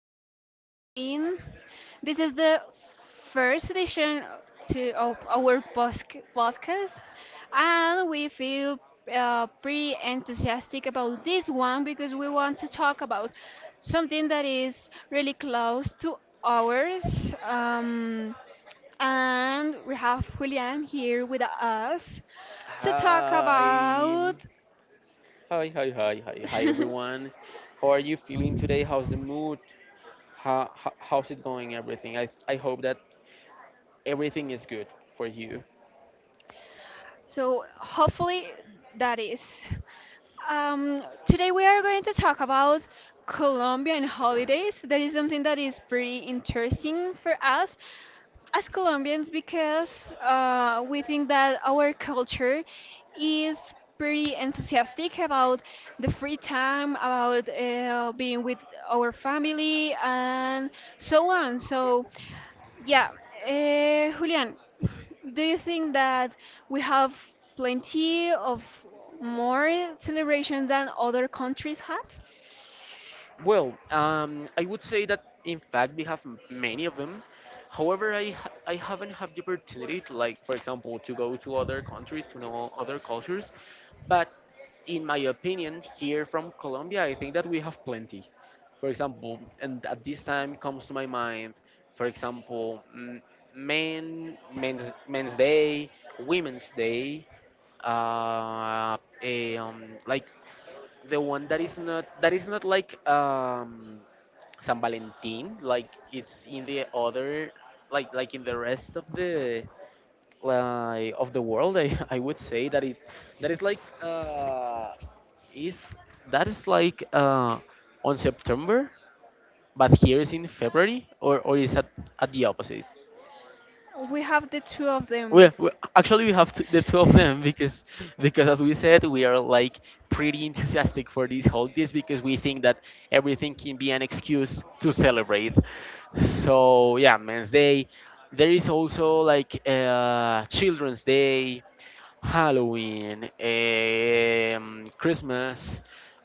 How is it going? This is the first edition to of our podcast, and we feel pretty enthusiastic about this one because we want to talk about something that is really close to ours. And we have Julian here with us to talk Hi. about. Hi, hi, hi, hi, hi, everyone. How are you feeling today? How's the mood? How's it going, everything? I hope that everything is good for you. So hopefully that is. Today we are going to talk about Colombia and holidays. That is something that is pretty interesting for us as Colombians because we think that our culture is pretty enthusiastic about the free time, about being with our family, and so on. So yeah, Julian, do you think that we have plenty of more celebrations than other countries have? Well, I would say that in fact we have many of them. However, I haven't had the opportunity to, like, for example, to go to other countries, to know other cultures. But in my opinion, here from Colombia, I think that we have plenty. For example, and at this time comes to my mind, for example, men's day, women's day, uh, a, like the one that is not like San Valentin, like it's in the other, like in the rest of the of the world. I, I would say that it that is like. Is that is like on September, but here is in February, or is at the opposite? We have the two of We, them. we actually we have t the two of them because as we said we are like pretty enthusiastic for these holidays because we think that everything can be an excuse to celebrate. So yeah, Men's Day. There is also like Children's Day, Halloween, Christmas.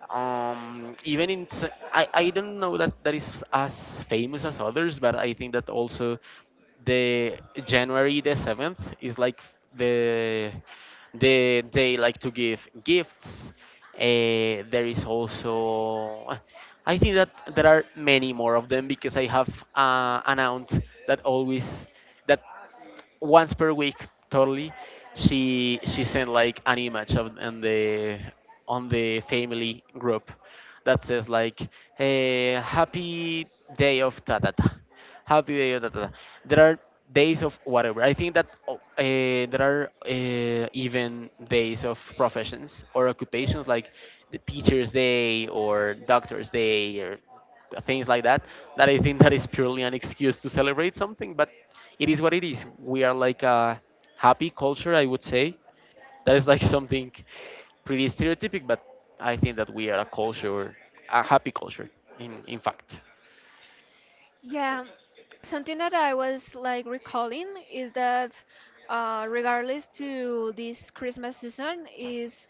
Even in I don't know that that is as famous as others, but I think that also the January the 7th is like the the day like to give gifts. There is also I think that there are many more of them because I have an aunt that always that once per week totally she sent like an image of on the family group that says like a happy day of ta ta ta, happy day of ta ta ta. There are days of whatever. I think that there are even days of professions or occupations like the teacher's day or doctor's day or things like that, that I think that is purely an excuse to celebrate something, but it is what it is. We are like a happy culture, I would say. That is like something pretty stereotypic, but I think that we are a culture, a happy culture, in fact. Yeah, something that I was like recalling is that regardless to this Christmas season is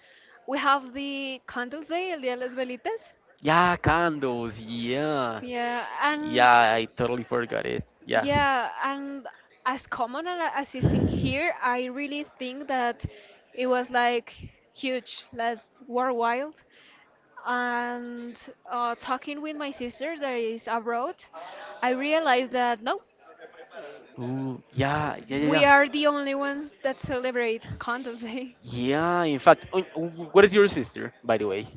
we have the candles day, El Día de las Velitas. Yeah, candles, yeah. Yeah, and Yeah, I totally forgot it, yeah. Yeah, and as common as it's in here, I really think that it was like huge, like worldwide. And talking with my sister that is abroad, I realized that no, Ooh, yeah, yeah, yeah, we yeah. are the only ones that celebrate Content Day. Yeah, in fact. Oh, what is your sister, by the way?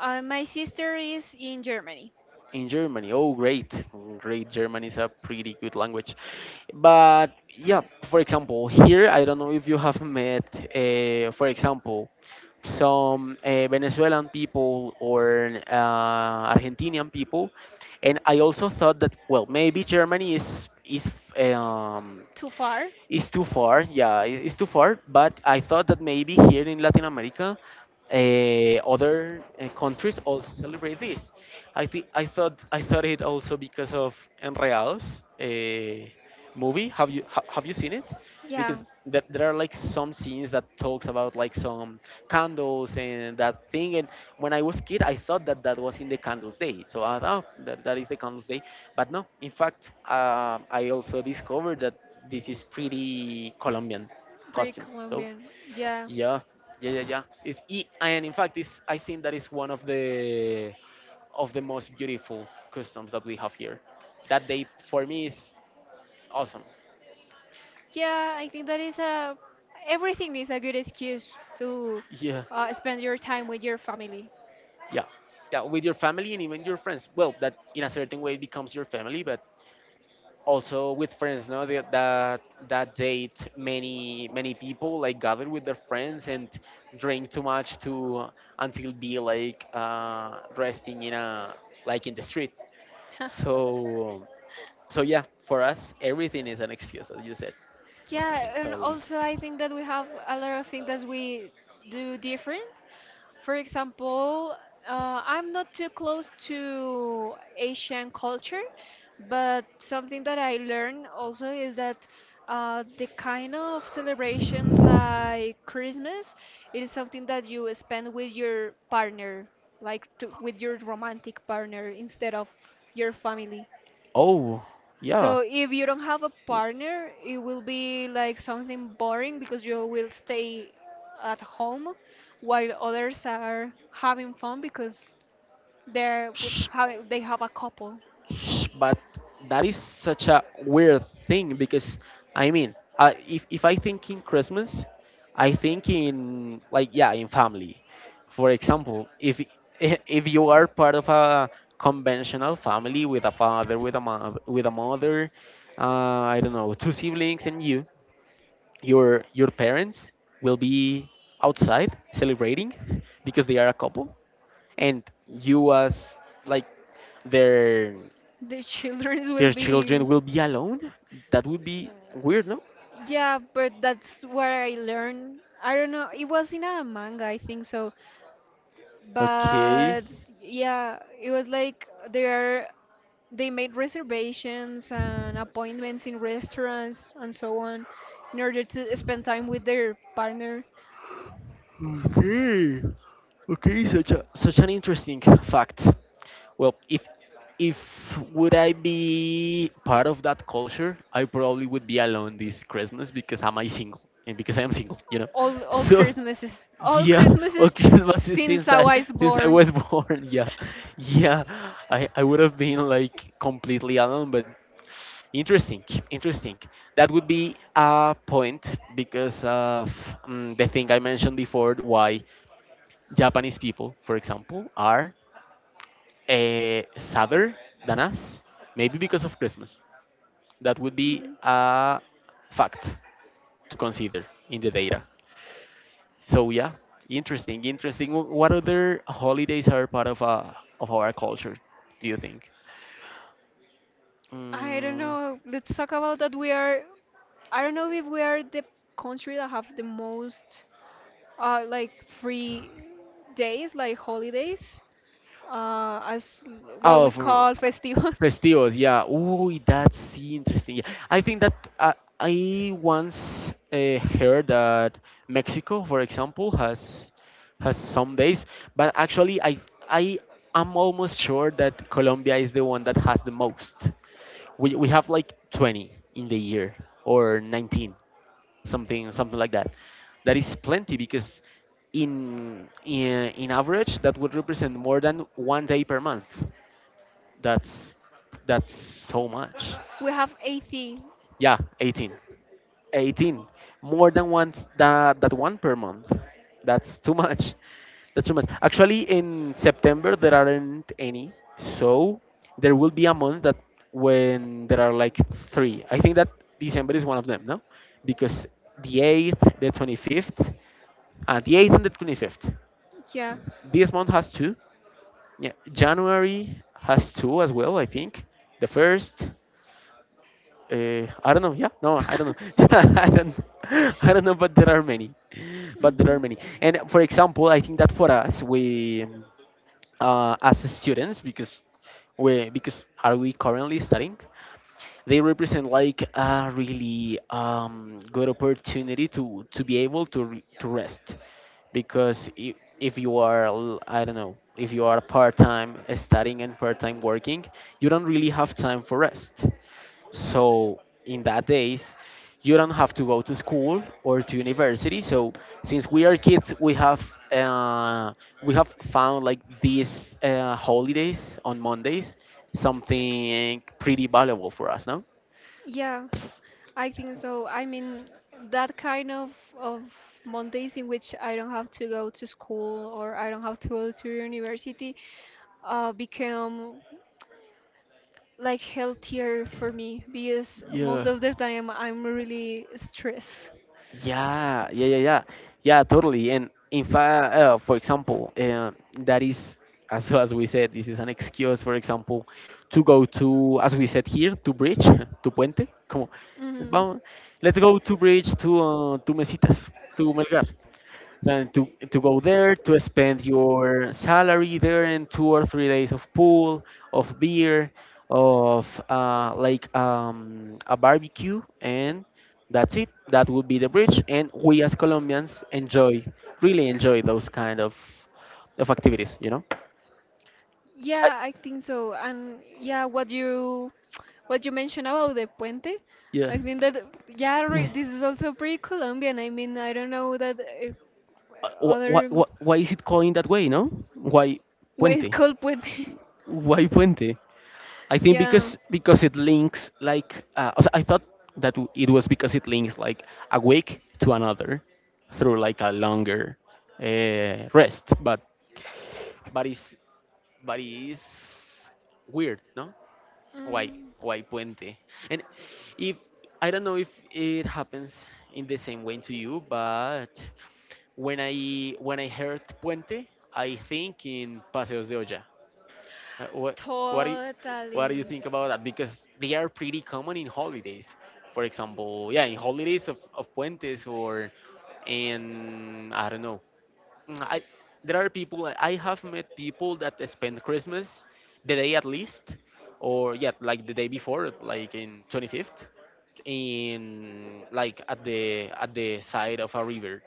My sister is in Germany. In Germany. Oh, great. Great. German is a pretty good language. But yeah, for example, here, I don't know if you have met, for example, some Venezuelan people or Argentinian people. And I also thought that, well, maybe is, um, Too far? it's too far, yeah, it's too far. But I thought that maybe here in Latin America, other countries also celebrate this. I thought it also because of Enreados movie. Have you have you seen it? Yeah, Because there are like some scenes that talks about like some candles and that thing. And when I was kid, I thought that that was in the candles day. So I thought, oh, that that is the candles day. But no, in fact, I also discovered that this is pretty Colombian pretty costume. So Colombian. Yeah. yeah, yeah. And in fact, this I think that is one of the most beautiful customs that we have here. That day for me is awesome. Yeah, I think that is a everything is a good excuse to Yeah, spend your time with your family. yeah, yeah. With your family and even your friends. Well, that in a certain way becomes your family, but also with friends, no, that date many many people like gather with their friends and drink too much, to until be like resting in a like in the street. So so yeah, for us everything is an excuse, as you said. Yeah, and Totally. also I think that we have a lot of things that we do different. For example, I'm not too close to Asian culture, but something that I learned also is that the kind of celebrations like Christmas, it is something that you spend with your partner, like with your romantic partner instead of your family. Oh, yeah. So if you don't have a partner, it will be like something boring because you will stay at home while others are having fun because they're with Sh- how they have a couple. but that is such a weird thing because I mean, I if I think in Christmas, I think in like, yeah, in family. For example, if if you are part of a conventional family with a father, with a mother, I don't know, two siblings and you, your parents will be outside celebrating because they are a couple, and you as like their The children will their be. children will be alone? That would be uh, weird, no? yeah, but that's what I learned. I don't know. It was in a manga, I think so. Okay. But yeah, it was like they made reservations and appointments in restaurants and so on in order to spend time with their partner. Okay. Okay, such a such an interesting fact. Well, if would I be part of that culture, I probably would be alone this Christmas because am I single, and because I am single, you know. All So Christmases. All yeah, or Christmases Christmas is since I was since I born. was born, yeah, yeah, I would have been like completely alone, but interesting, interesting. That would be a point because of, mm, the thing I mentioned before, why Japanese people, for example, are sadder than us, maybe because of Christmas. That would be Mm. a fact to consider in the data. So yeah, interesting, interesting. What other holidays are part of our culture? Do you think? I don't Mm, know. Let's talk about that. We are. I don't know if we are the country that have the most, like free days, like holidays, as what we oh, for, call festivals. festivals, yeah. Ooh, that's interesting. Yeah. I think that I once heard that Mexico, for example, has some days, but actually, I am almost sure that Colombia is the one that has the most. We have like 20 in the year or 19, something like that. That is plenty because in average that would represent more than one day per month. That's that's so much. We have 80. Yeah, 18. 18. More than once, that that one per month. That's too much. That's too much. Actually, in September there aren't any, so there will be a month that when there are like three. I think that December is one of them, no? Because the 8th, the 8th and the 25th. Yeah. This month has two. Yeah, January has two as well, I think. The first. I don't know. Yeah, no, I don't know. I don't, I don't know, but there are many, but there are Hmm. many. And for example, I think that for us, we, as students, because because are we currently studying, they represent like a really good opportunity to be able to to rest, because if you are, I don't know, if you are part time studying and part time working, you don't really have time for rest. So in that days, you don't have to go to school or to university. So since we are kids, uh, we have found like these holidays on Mondays something pretty valuable for us, no? Yeah, I think so. I mean, that kind of Mondays in which I don't have to go to school or I don't have to go to university become like healthier for me because most Yeah. of the time I'm really stressed. Yeah, yeah, yeah, yeah, yeah, totally. And in fact, for example, that is as we said, this is an excuse, for example, to go to, as we said here, to bridge, to puente. Como, Hmm. vamos, let's go to bridge to Mesitas, to Melgar, than to go there to spend your salary there in two or three days of pool, of beer, of like a barbecue, and that's it. That would be the bridge, and we as Colombians enjoy, really enjoy those kind of activities, you know. I, Yeah, I think so. And yeah, what you mentioned about the puente, yeah. I think that yeah, re Yeah. this is also pretty Colombian. I mean, I don't know that other why is it calling that way, no? why way is puente? called puente. why puente I think Yeah. Because it links like also I thought that it was because it links like a week to another through like a longer rest, but but is but is weird, no? Why Mhm. why puente? And if I don't know if it happens in the same way to you, but when I heard puente, I think in Paseos de Olla, uh, what what do you, what do you Totally. think about that? Because they are pretty common in holidays. For example, yeah, in holidays of puentes or in, I don't know. Mm, I there are people, I have met people that spend Christmas the day at least, or yeah, like the day before, like in 25th in like at the side of a river,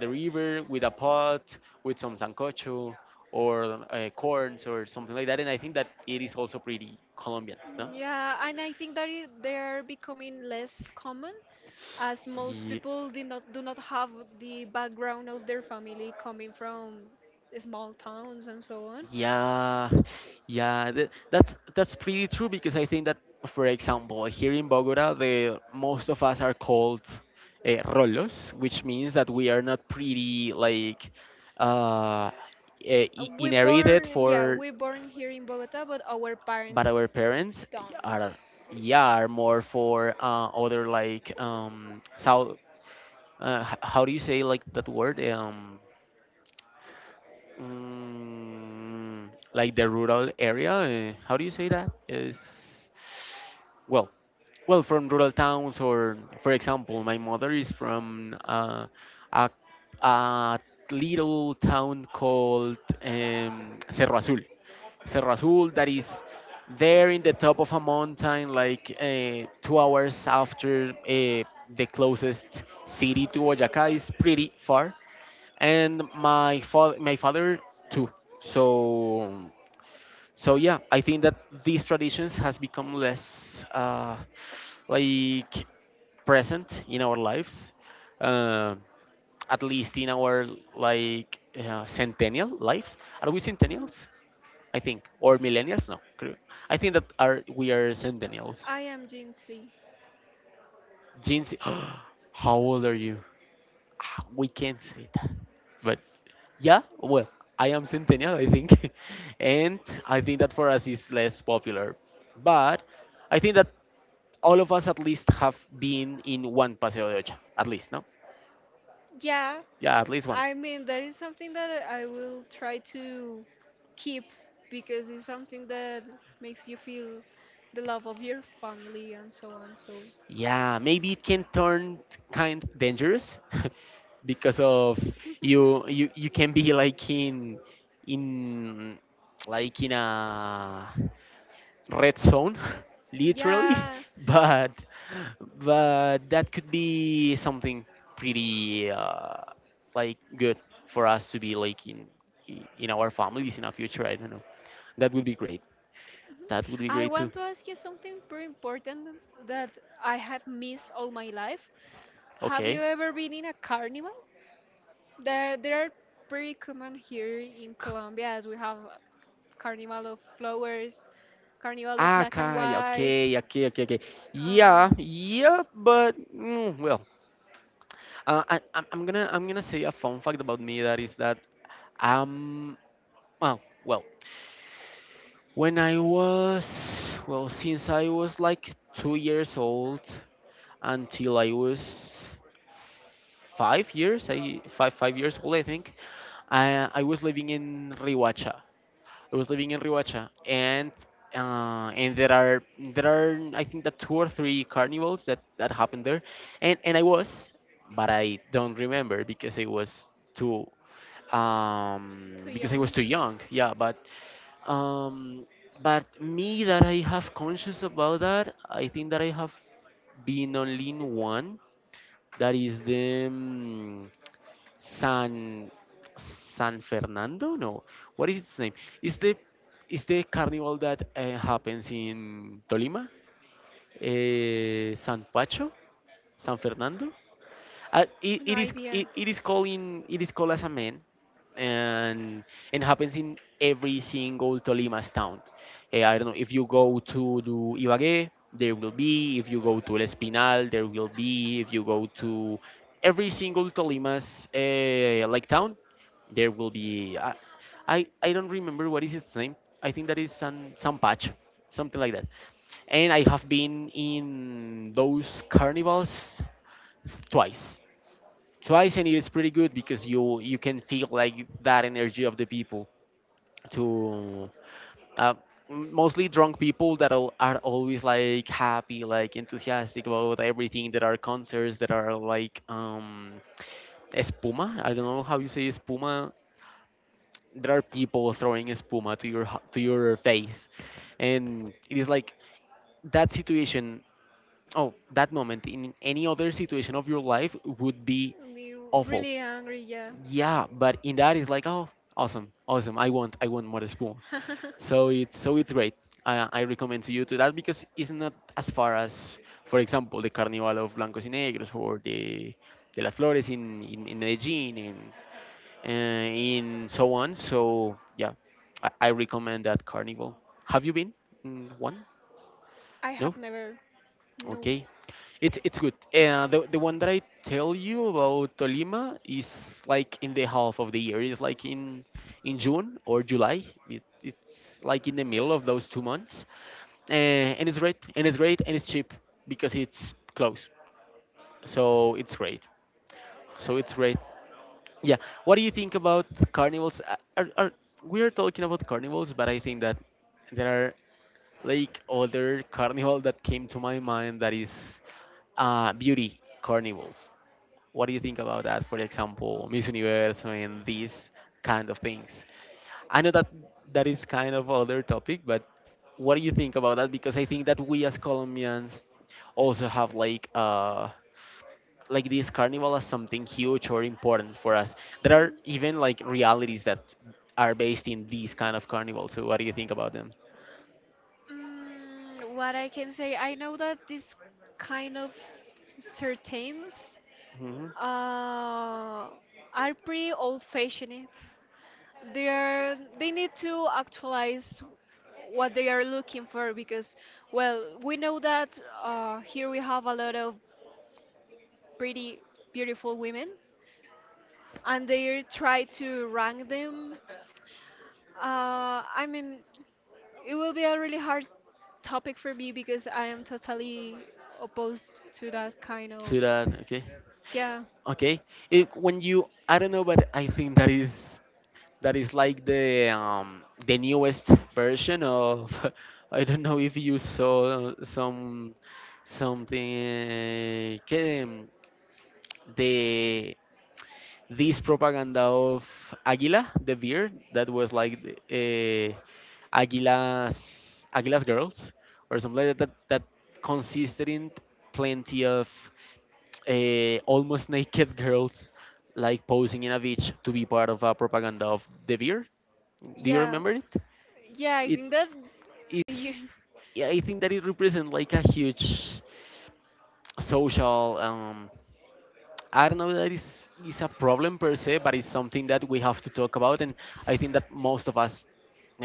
the river with a pot with some sancocho or corns or something like that. And I think that it is also pretty Colombian, no? Yeah, and I think that they are becoming less common as most Ye- people do not have the background of their family coming from small towns and so on. Yeah, yeah, that's pretty true because I think that, for example, here in Bogota, the most of us are called rolos, which means that we are not pretty like uh, uh, Uh, We inherited born, yeah, for, we born here in Bogota, but our but parents our parents don't. are, yeah, are more for other like south how do you say like that word, mm, like the rural area. How do you say that? Is well, well, from rural towns, or for example, my mother is from a, a little town called Cerro Azul. Cerro Azul, that is there in the top of a mountain, like 2 hours after the closest city to Boyacá, is pretty far. And my father too. So yeah, I think that these traditions has become less like present in our lives. uh, at least in our like centennial lives. Are we centennials, I think, or millennials? No cre- I think that are we are centennials. I am Gen Z. Jeans. How old are you? Ah, we can't say that. But yeah, well, I am Centennial, I think. And I think that for us is less popular. But I think that all of us at least have been in one Paseo de Ocha. At least, no? Yeah, Yeah, at least one. I mean that is something that I will try to keep because it's something that makes you feel the love of your family and so on. So Yeah, maybe it can turn kind dangerous because of you can be like in in like in a red zone literally yeah, but that could be something pretty like good for us to be like in our families, in our future. I don't know, that would be great. That would be I great too. want to ask you something pretty important that I have missed all my life. Have you Okay. ever been in a carnival? There, they are pretty common here in K- Colombia as we have Carnival of Flowers, Carnival of Black and Kaya, okay, Whites. okay, okay, okay. Yeah, Um, yeah, but well, I'm gonna say a fun fact about me that I'm. Oh, well, when I was, well, since I was like 2 years old until I was 5 years, I five years old, I think. I was living in Rihuacha. I was living in Rihuacha, and there are I think that two or three carnivals that happened there. And I was, but I don't remember because I was too Too because I was young. too young. Yeah, um, but me that I have conscious about that, I think that I have been only in one. That is the San Fernando. No, what is its name? Is the carnival that happens in Tolima, San Pacho, San Fernando, it, No it is it, idea. it is calling it is called as a man. And happens in every single Tolima's town. Eh, I don't know if you go to do Ibagué, there will be. If you go to El Espinal, there will be. If you go to every single Tolima's like town, there will be. I don't remember what is its name. I think that is San Patch, something like that. And I have been in those carnivals twice twice, and it's pretty good because you can feel like that energy of the people. To uh, m- mostly drunk people, that are always like happy, like enthusiastic about everything. There are concerts that are like espuma. I don't know how you say espuma. There are people throwing espuma to your face, and it is like that situation. Oh, that moment in any other situation of your life would be Be awful. really angry, yeah. Yeah, but in that it's like, oh, awesome, awesome. I want more spoon. So it's great. I recommend to you to that because it's not as far as, for example, the carnival of blancos y negros or the de las flores in Medellin and uh, in so on. So yeah, I recommend that carnival. Have you been in one? I No. have never. No. Okay. It's good. The one that I tell you about Tolima is like in the half of the year. It's like in June or July. It's like in the middle of those 2 months, uh, and it's great. And it's great. And it's cheap because it's close. So it's great. So it's great. Yeah. What do you think about carnivals? We are talking about carnivals, but I think that there are like other carnival that came to my mind that is beauty carnivals. What do you think about that? For example, Miss Universe and these kind of things. I know that that is kind of other topic, but what do you think about that? Because I think that we as Colombians also have like this carnival as something huge or important for us. There are even like realities that are based in these kind of carnivals. So what do you think about them? Mm, what I can say, I know that this kind of certains Hmm. uh, are pretty old-fashioned. They need to actualize what they are looking for because well, we know that here we have a lot of pretty beautiful women and they try to rank them. I mean, it will be a really hard topic for me because I am totally opposed to that kind of. To that, okay. Yeah, Okay. When you, I don't know, but I think that is like the newest version of. I don't know if you saw some something que the this propaganda of Aguila, the beer, that was like uh, Aguila's girls or something like that, that consisted in plenty of almost naked girls like posing in a beach to be part of a propaganda of the beer. Do you yeah, remember it? yeah. I It think that you. is. Yeah, I think that it represents like a huge social I don't know that is a problem per se, but it's something that we have to talk about. And I think that most of us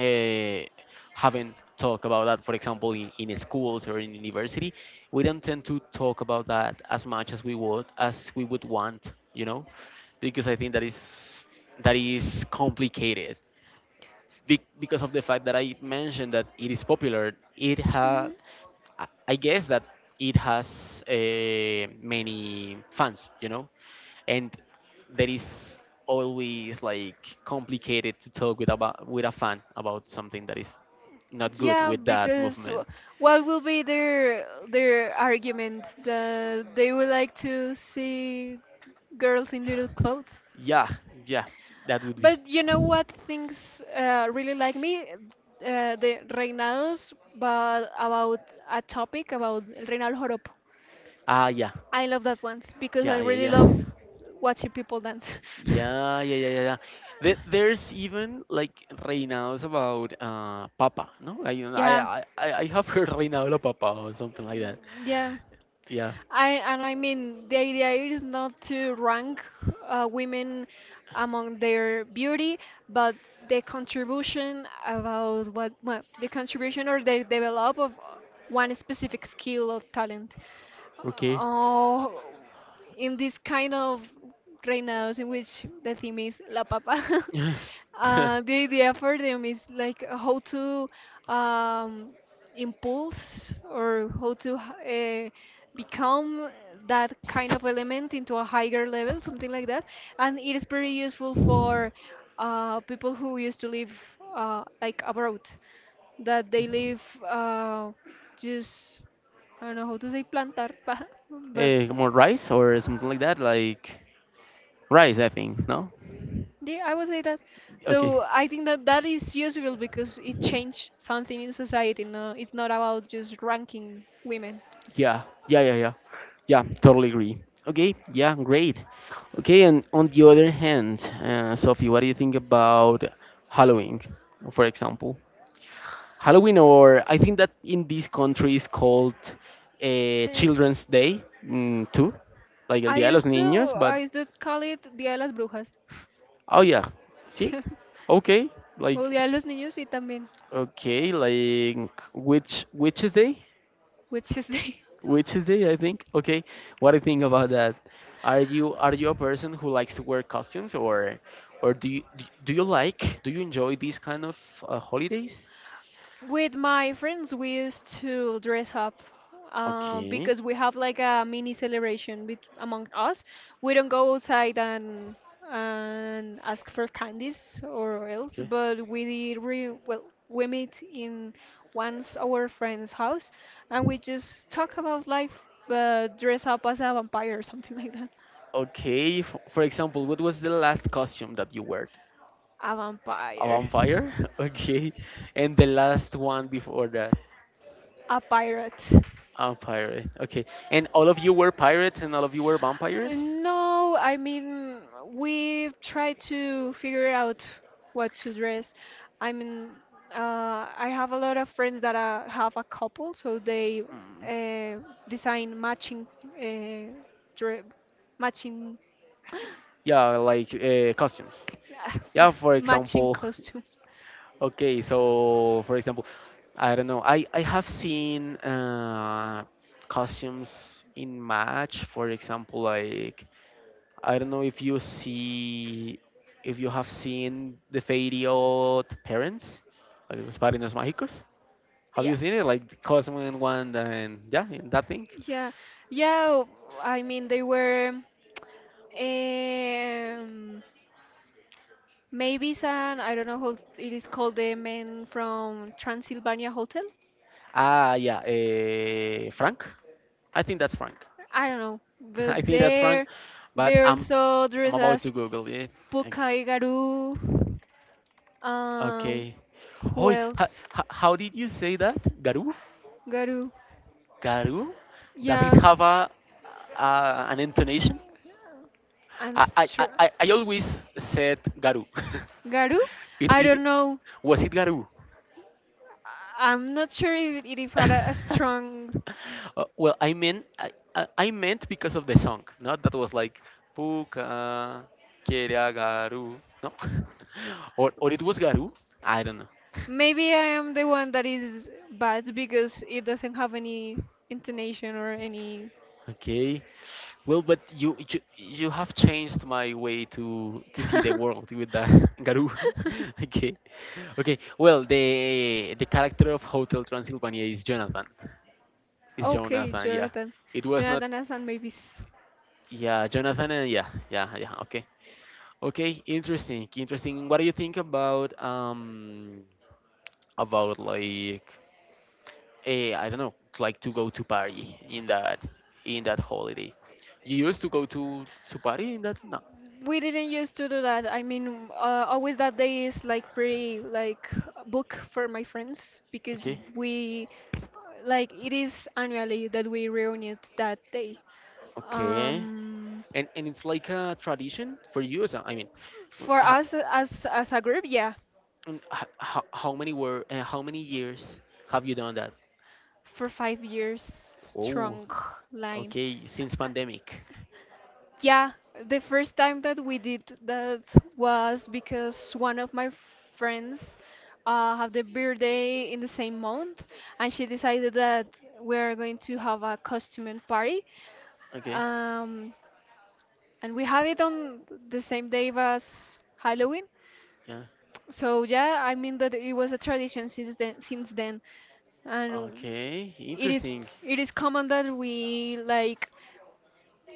uh, haven't talked about that. For example, in schools or in university, we don't tend to talk about that as much as we would want, because I think that is complicated. Because of the fact that I mentioned that it is popular, it ha. I guess that it has many fans, and there is always like complicated to talk with a fan about something that is not good Yeah, with that because movement. What will be their argument that they would like to see girls in little clothes? Yeah, yeah, that would be. But you know what things really like me? The reinados, but about a topic about El Reinado Joropo. Ah, yeah, I love that ones because I yeah, really yeah, love yeah, watching people dance. yeah, yeah, yeah, yeah. Yeah. There's even like reinados about Papa, no? Yeah, I have heard reinado la Papa or something like that. yeah. Yeah. I mean the idea is not to rank women among their beauty, but the contribution about what well, the contribution or the develop of one specific skill or talent. Okay. Oh, in this kind of reinados in which the theme is la papa, Yeah. The idea for them is like how to um, impulse or how to become that kind of element into a higher level, something like that. And it is very useful for people who used to live like abroad, that they live uh, just I don't know how to say plantar, but Eh, more rice or something like that, like rice, I think. No. yeah, I would say that. So Okay. I think that that is useful because it changed something in society. No, it's not about just ranking women. Yeah. Yeah. Yeah. Yeah. Yeah. Totally agree. Okay. Yeah. Great. Okay. And on the other hand, Sophie, what do you think about Halloween, for example? Halloween, or I think that in this country is called Eh, Children's Day, too, like El I Día de los used to Niños. But I used to call it Día de las Brujas. oh yeah, see, okay, like. O Día de los Niños y también Okay, like which is day? Witches Day. Which is day, I think. Okay. What do you think about that? Are you a person who likes to wear costumes, or do you do do you like do you enjoy these kind of holidays? With my friends, we used to dress up Okay. because we have like a mini celebration bet among us. We don't go outside and ask for candies or else, Okay. but we re well, we meet in once our friend's house and we just talk about life, but dress up as a vampire or something like that. Okay, for example, what was the last costume that you wore? A A vampire, vampire? Okay. And the last one before that, a pirate. a pirate. Okay. And all of you were pirates and all of you were vampires? No, I mean, we try to figure out what to dress. I mean, I have a lot of friends that have a couple, so they uh, design matching uh, dre matching, Yeah, like costumes. Yeah, yeah, for matching example, costumes. okay, so for example, I don't know. I have seen costumes in match, for example, like I don't know if you have seen the video The Parents, like Los Padrinos Mágicos. Have you Yeah, seen it? Like the Cosmo and Wanda and yeah, and that thing. yeah, yeah. I mean, they were um, maybe some, I don't know how it is called, the men from Transylvania Hotel. Ah, yeah, Frank. I think that's Frank. I don't know, I but think that's Frank, there, but there also I'm dressed about as to Google it. Pukai Garu. Um, Okay. who Oh, else? how did you say that? Garu? Garu. Garu? Does it Yeah, have a an intonation? and str- I always said Garu. Garu. I it don't know. was it Garu? I am not sure if had a strong. Well, I mean I meant because of the song, not that was like Puka quiere a Garu, no? Or it was Garu? I don't know. Maybe I am the one that is bad because it doesn't have any intonation or any. Okay. Well, but you have changed my way to see the world with that. Garou. Okay. Okay. Well, the character of Hotel Transylvania is Jonathan. Is Okay, Jonathan, yeah. Jonathan. It was not. Jonathan has some maybes. Yeah, Jonathan. And yeah, yeah, yeah. Okay. Okay, interesting. Interesting. What do you think about like I don't know, like to go to Paris in that, holiday? You used to go to Paris in that? No. We didn't used to do that. I mean, always that day is like pretty like book for my friends because Okay. we like it is annually that we reunite that day. Okay. Um, And it's like a tradition for you. So, I mean, f for how, us as a group, yeah, how many were, and how many years have you done that? for 5 years Oh, strong line. okay. Since pandemic. Yeah, the first time that we did that was because one of my friends had their birthday in the same month, and she decided that we're going to have a costume party. Okay. Um, and we have it on the same day as Halloween. Yeah. So yeah, I mean that it was a tradition since then, and Okay. it is Interesting. it is common that we like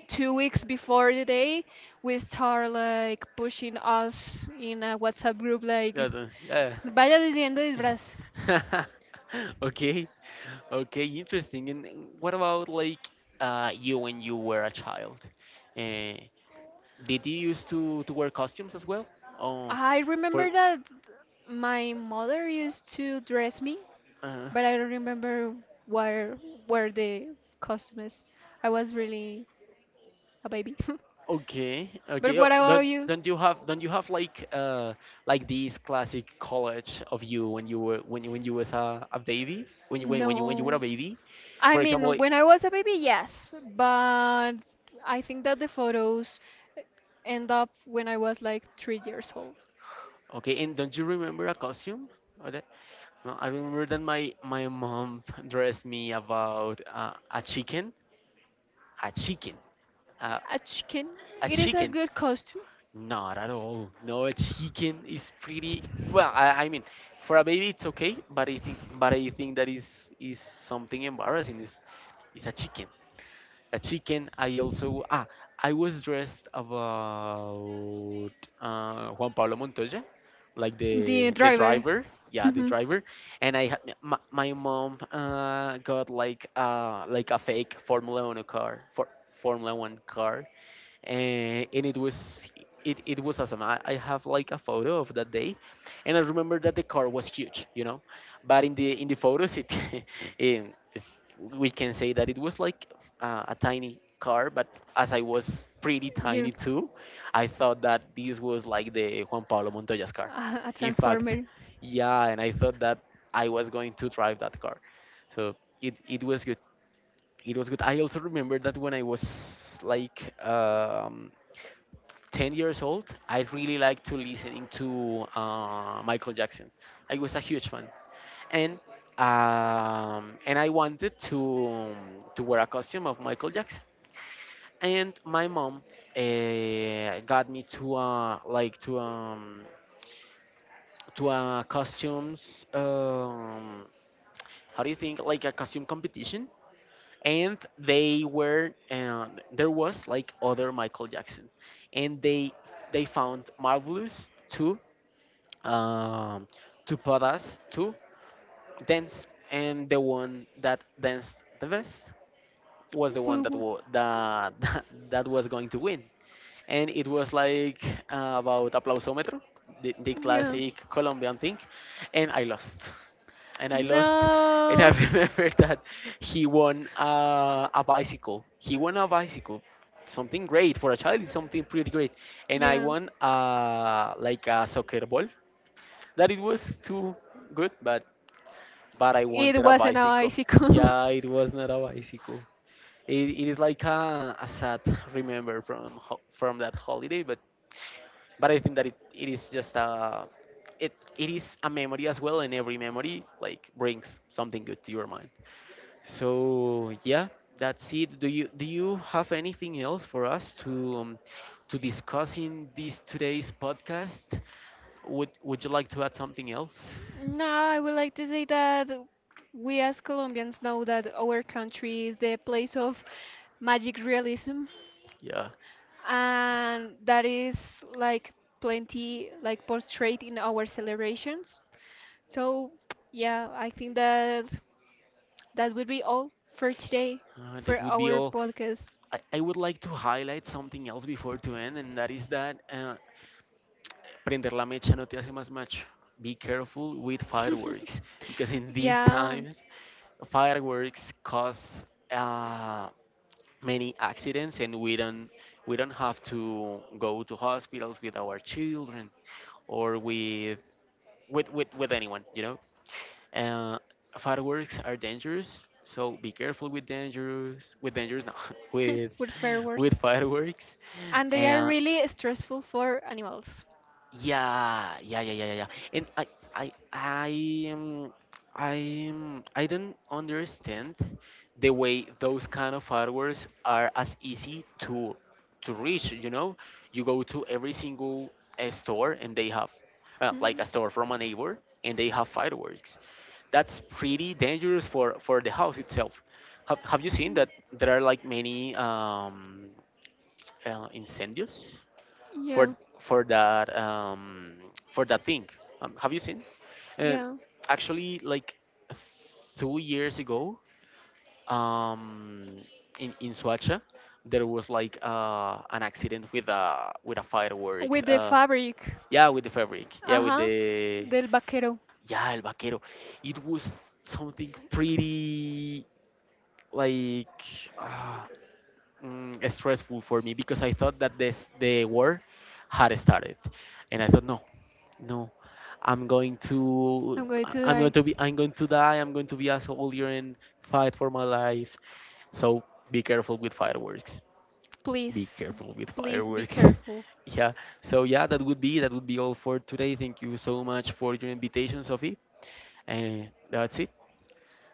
2 weeks before the day, we start like pushing us in a WhatsApp group like, Yeah, yeah. vaya diciendo disfraz. Okay. Okay. Interesting. And what about like you when you were a child? Uh, did you used to wear costumes as well? Oh, I for. remember that my mother used to dress me, uh. but I don't remember where where the costume is. I was really a baby. Okay, But okay. what Oh, about you? don't you have like this classic college of you when you a baby when you were a No. baby, I for example. mean, Like. when I was a baby, yes, but I think that the photos end up when I was like 3 years old. Okay, and don't you remember a costume? Or that? No, I remember that my mom dressed me about a chicken, a chicken, uh, A chicken. a It is a chicken. good costume. Not at all. No, a chicken is pretty. Well, I mean, for a baby it's okay. But but I think that is something embarrassing. Is a chicken. A chicken. I also I was dressed about Juan Pablo Montoya, like The the driver. driver. Yeah, the driver. And I had my mom got like like a fake Formula One car, Formula One car, and it was it was awesome. I have like a photo of that day, and I remember that the car was huge, but in the photos it we can say that it was like a tiny car, but as I was pretty You tiny too, I thought that this was like the Juan Pablo Montoya's car, a in fact. transformer. Yeah, and I thought that I was going to drive that car. So it was good. It was good. I also remember that when I was like 10 years old, I really liked to listening to Michael Jackson. I was a huge fan, and and I wanted to wear a costume of Michael Jackson. And my mom got me to like to a costumes, how do you think, like a costume competition. And they were there was like other Michael Jackson, and they found Marvelous too, um, to put us to dance, and the one that danced the best was the one Woo that woo. that that was going to win. And it was like about aplausometro, the Yeah. classic Colombian thing, and I lost. And I lost, and I No. remember that he won a bicycle. He won a bicycle, something great for a child. Is something pretty great, and I Yeah. won like a soccer ball that it was too good, but I It wanted a wasn't a bicycle. bicycle. Yeah, it was not a bicycle. It is like a sad remember from that holiday, but I think that it is just a it is a memory as well, and every memory like brings something good to your mind. So yeah, that's it. Do you have anything else for us to discuss in this today's podcast? Would you like to add something else? No, I would like to say that we as Colombians know that our country is the place of magic realism, Yeah. and that is like plenty like portrayed in our celebrations. So, yeah, I think that would be all for today That for would be our all. podcast. I would like to highlight something else before to end, and that is that prender la mecha no te hace más macho. Be careful with fireworks because in these Yeah, times, fireworks cause uh, many accidents, and we don't have to go to hospitals with our children or with with anyone, you know. Uh, Fireworks are dangerous, so be careful with dangerous no with with fireworks. with fireworks. And they are And really stressful for animals. yeah, yeah, yeah, yeah, yeah, yeah. And I, I, um, I don't understand the way those kind of fireworks are as easy to reach. You know, you go to every single store and they have like Mhm. a store from a neighbor, and they have fireworks that's pretty dangerous for the house itself. Have you seen Mm, that there are like many incendios for yeah, for that um, for that thing? Have you seen? Uh, yeah. actually, like 2 years ago, um, in Suacha, there was like an accident with a fireworks. With the fabric. Yeah, with the fabric. Yeah, with Uh-huh. the Del vaquero. yeah, el vaquero. It was something pretty like uh, stressful for me because I thought that this the war had started, and I thought no, no, I'm going to I'm going to I- am going die. to be I'm going to die. I'm going to be a soldier and fight for my life. So be careful with fireworks. Be Please, careful with please be fireworks. careful. yeah. So yeah, that would be all for today. Thank you so much for your invitation, Sophie. And that's it.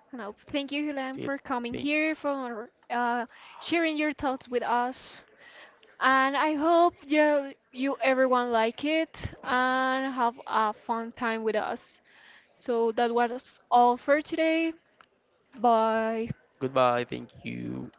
No, thank you, Hilan, That's it. for coming Thank. here, for sharing your thoughts with us. And I hope you, everyone like it and have a fun time with us. So that was all for today. Bye. Goodbye. Thank you.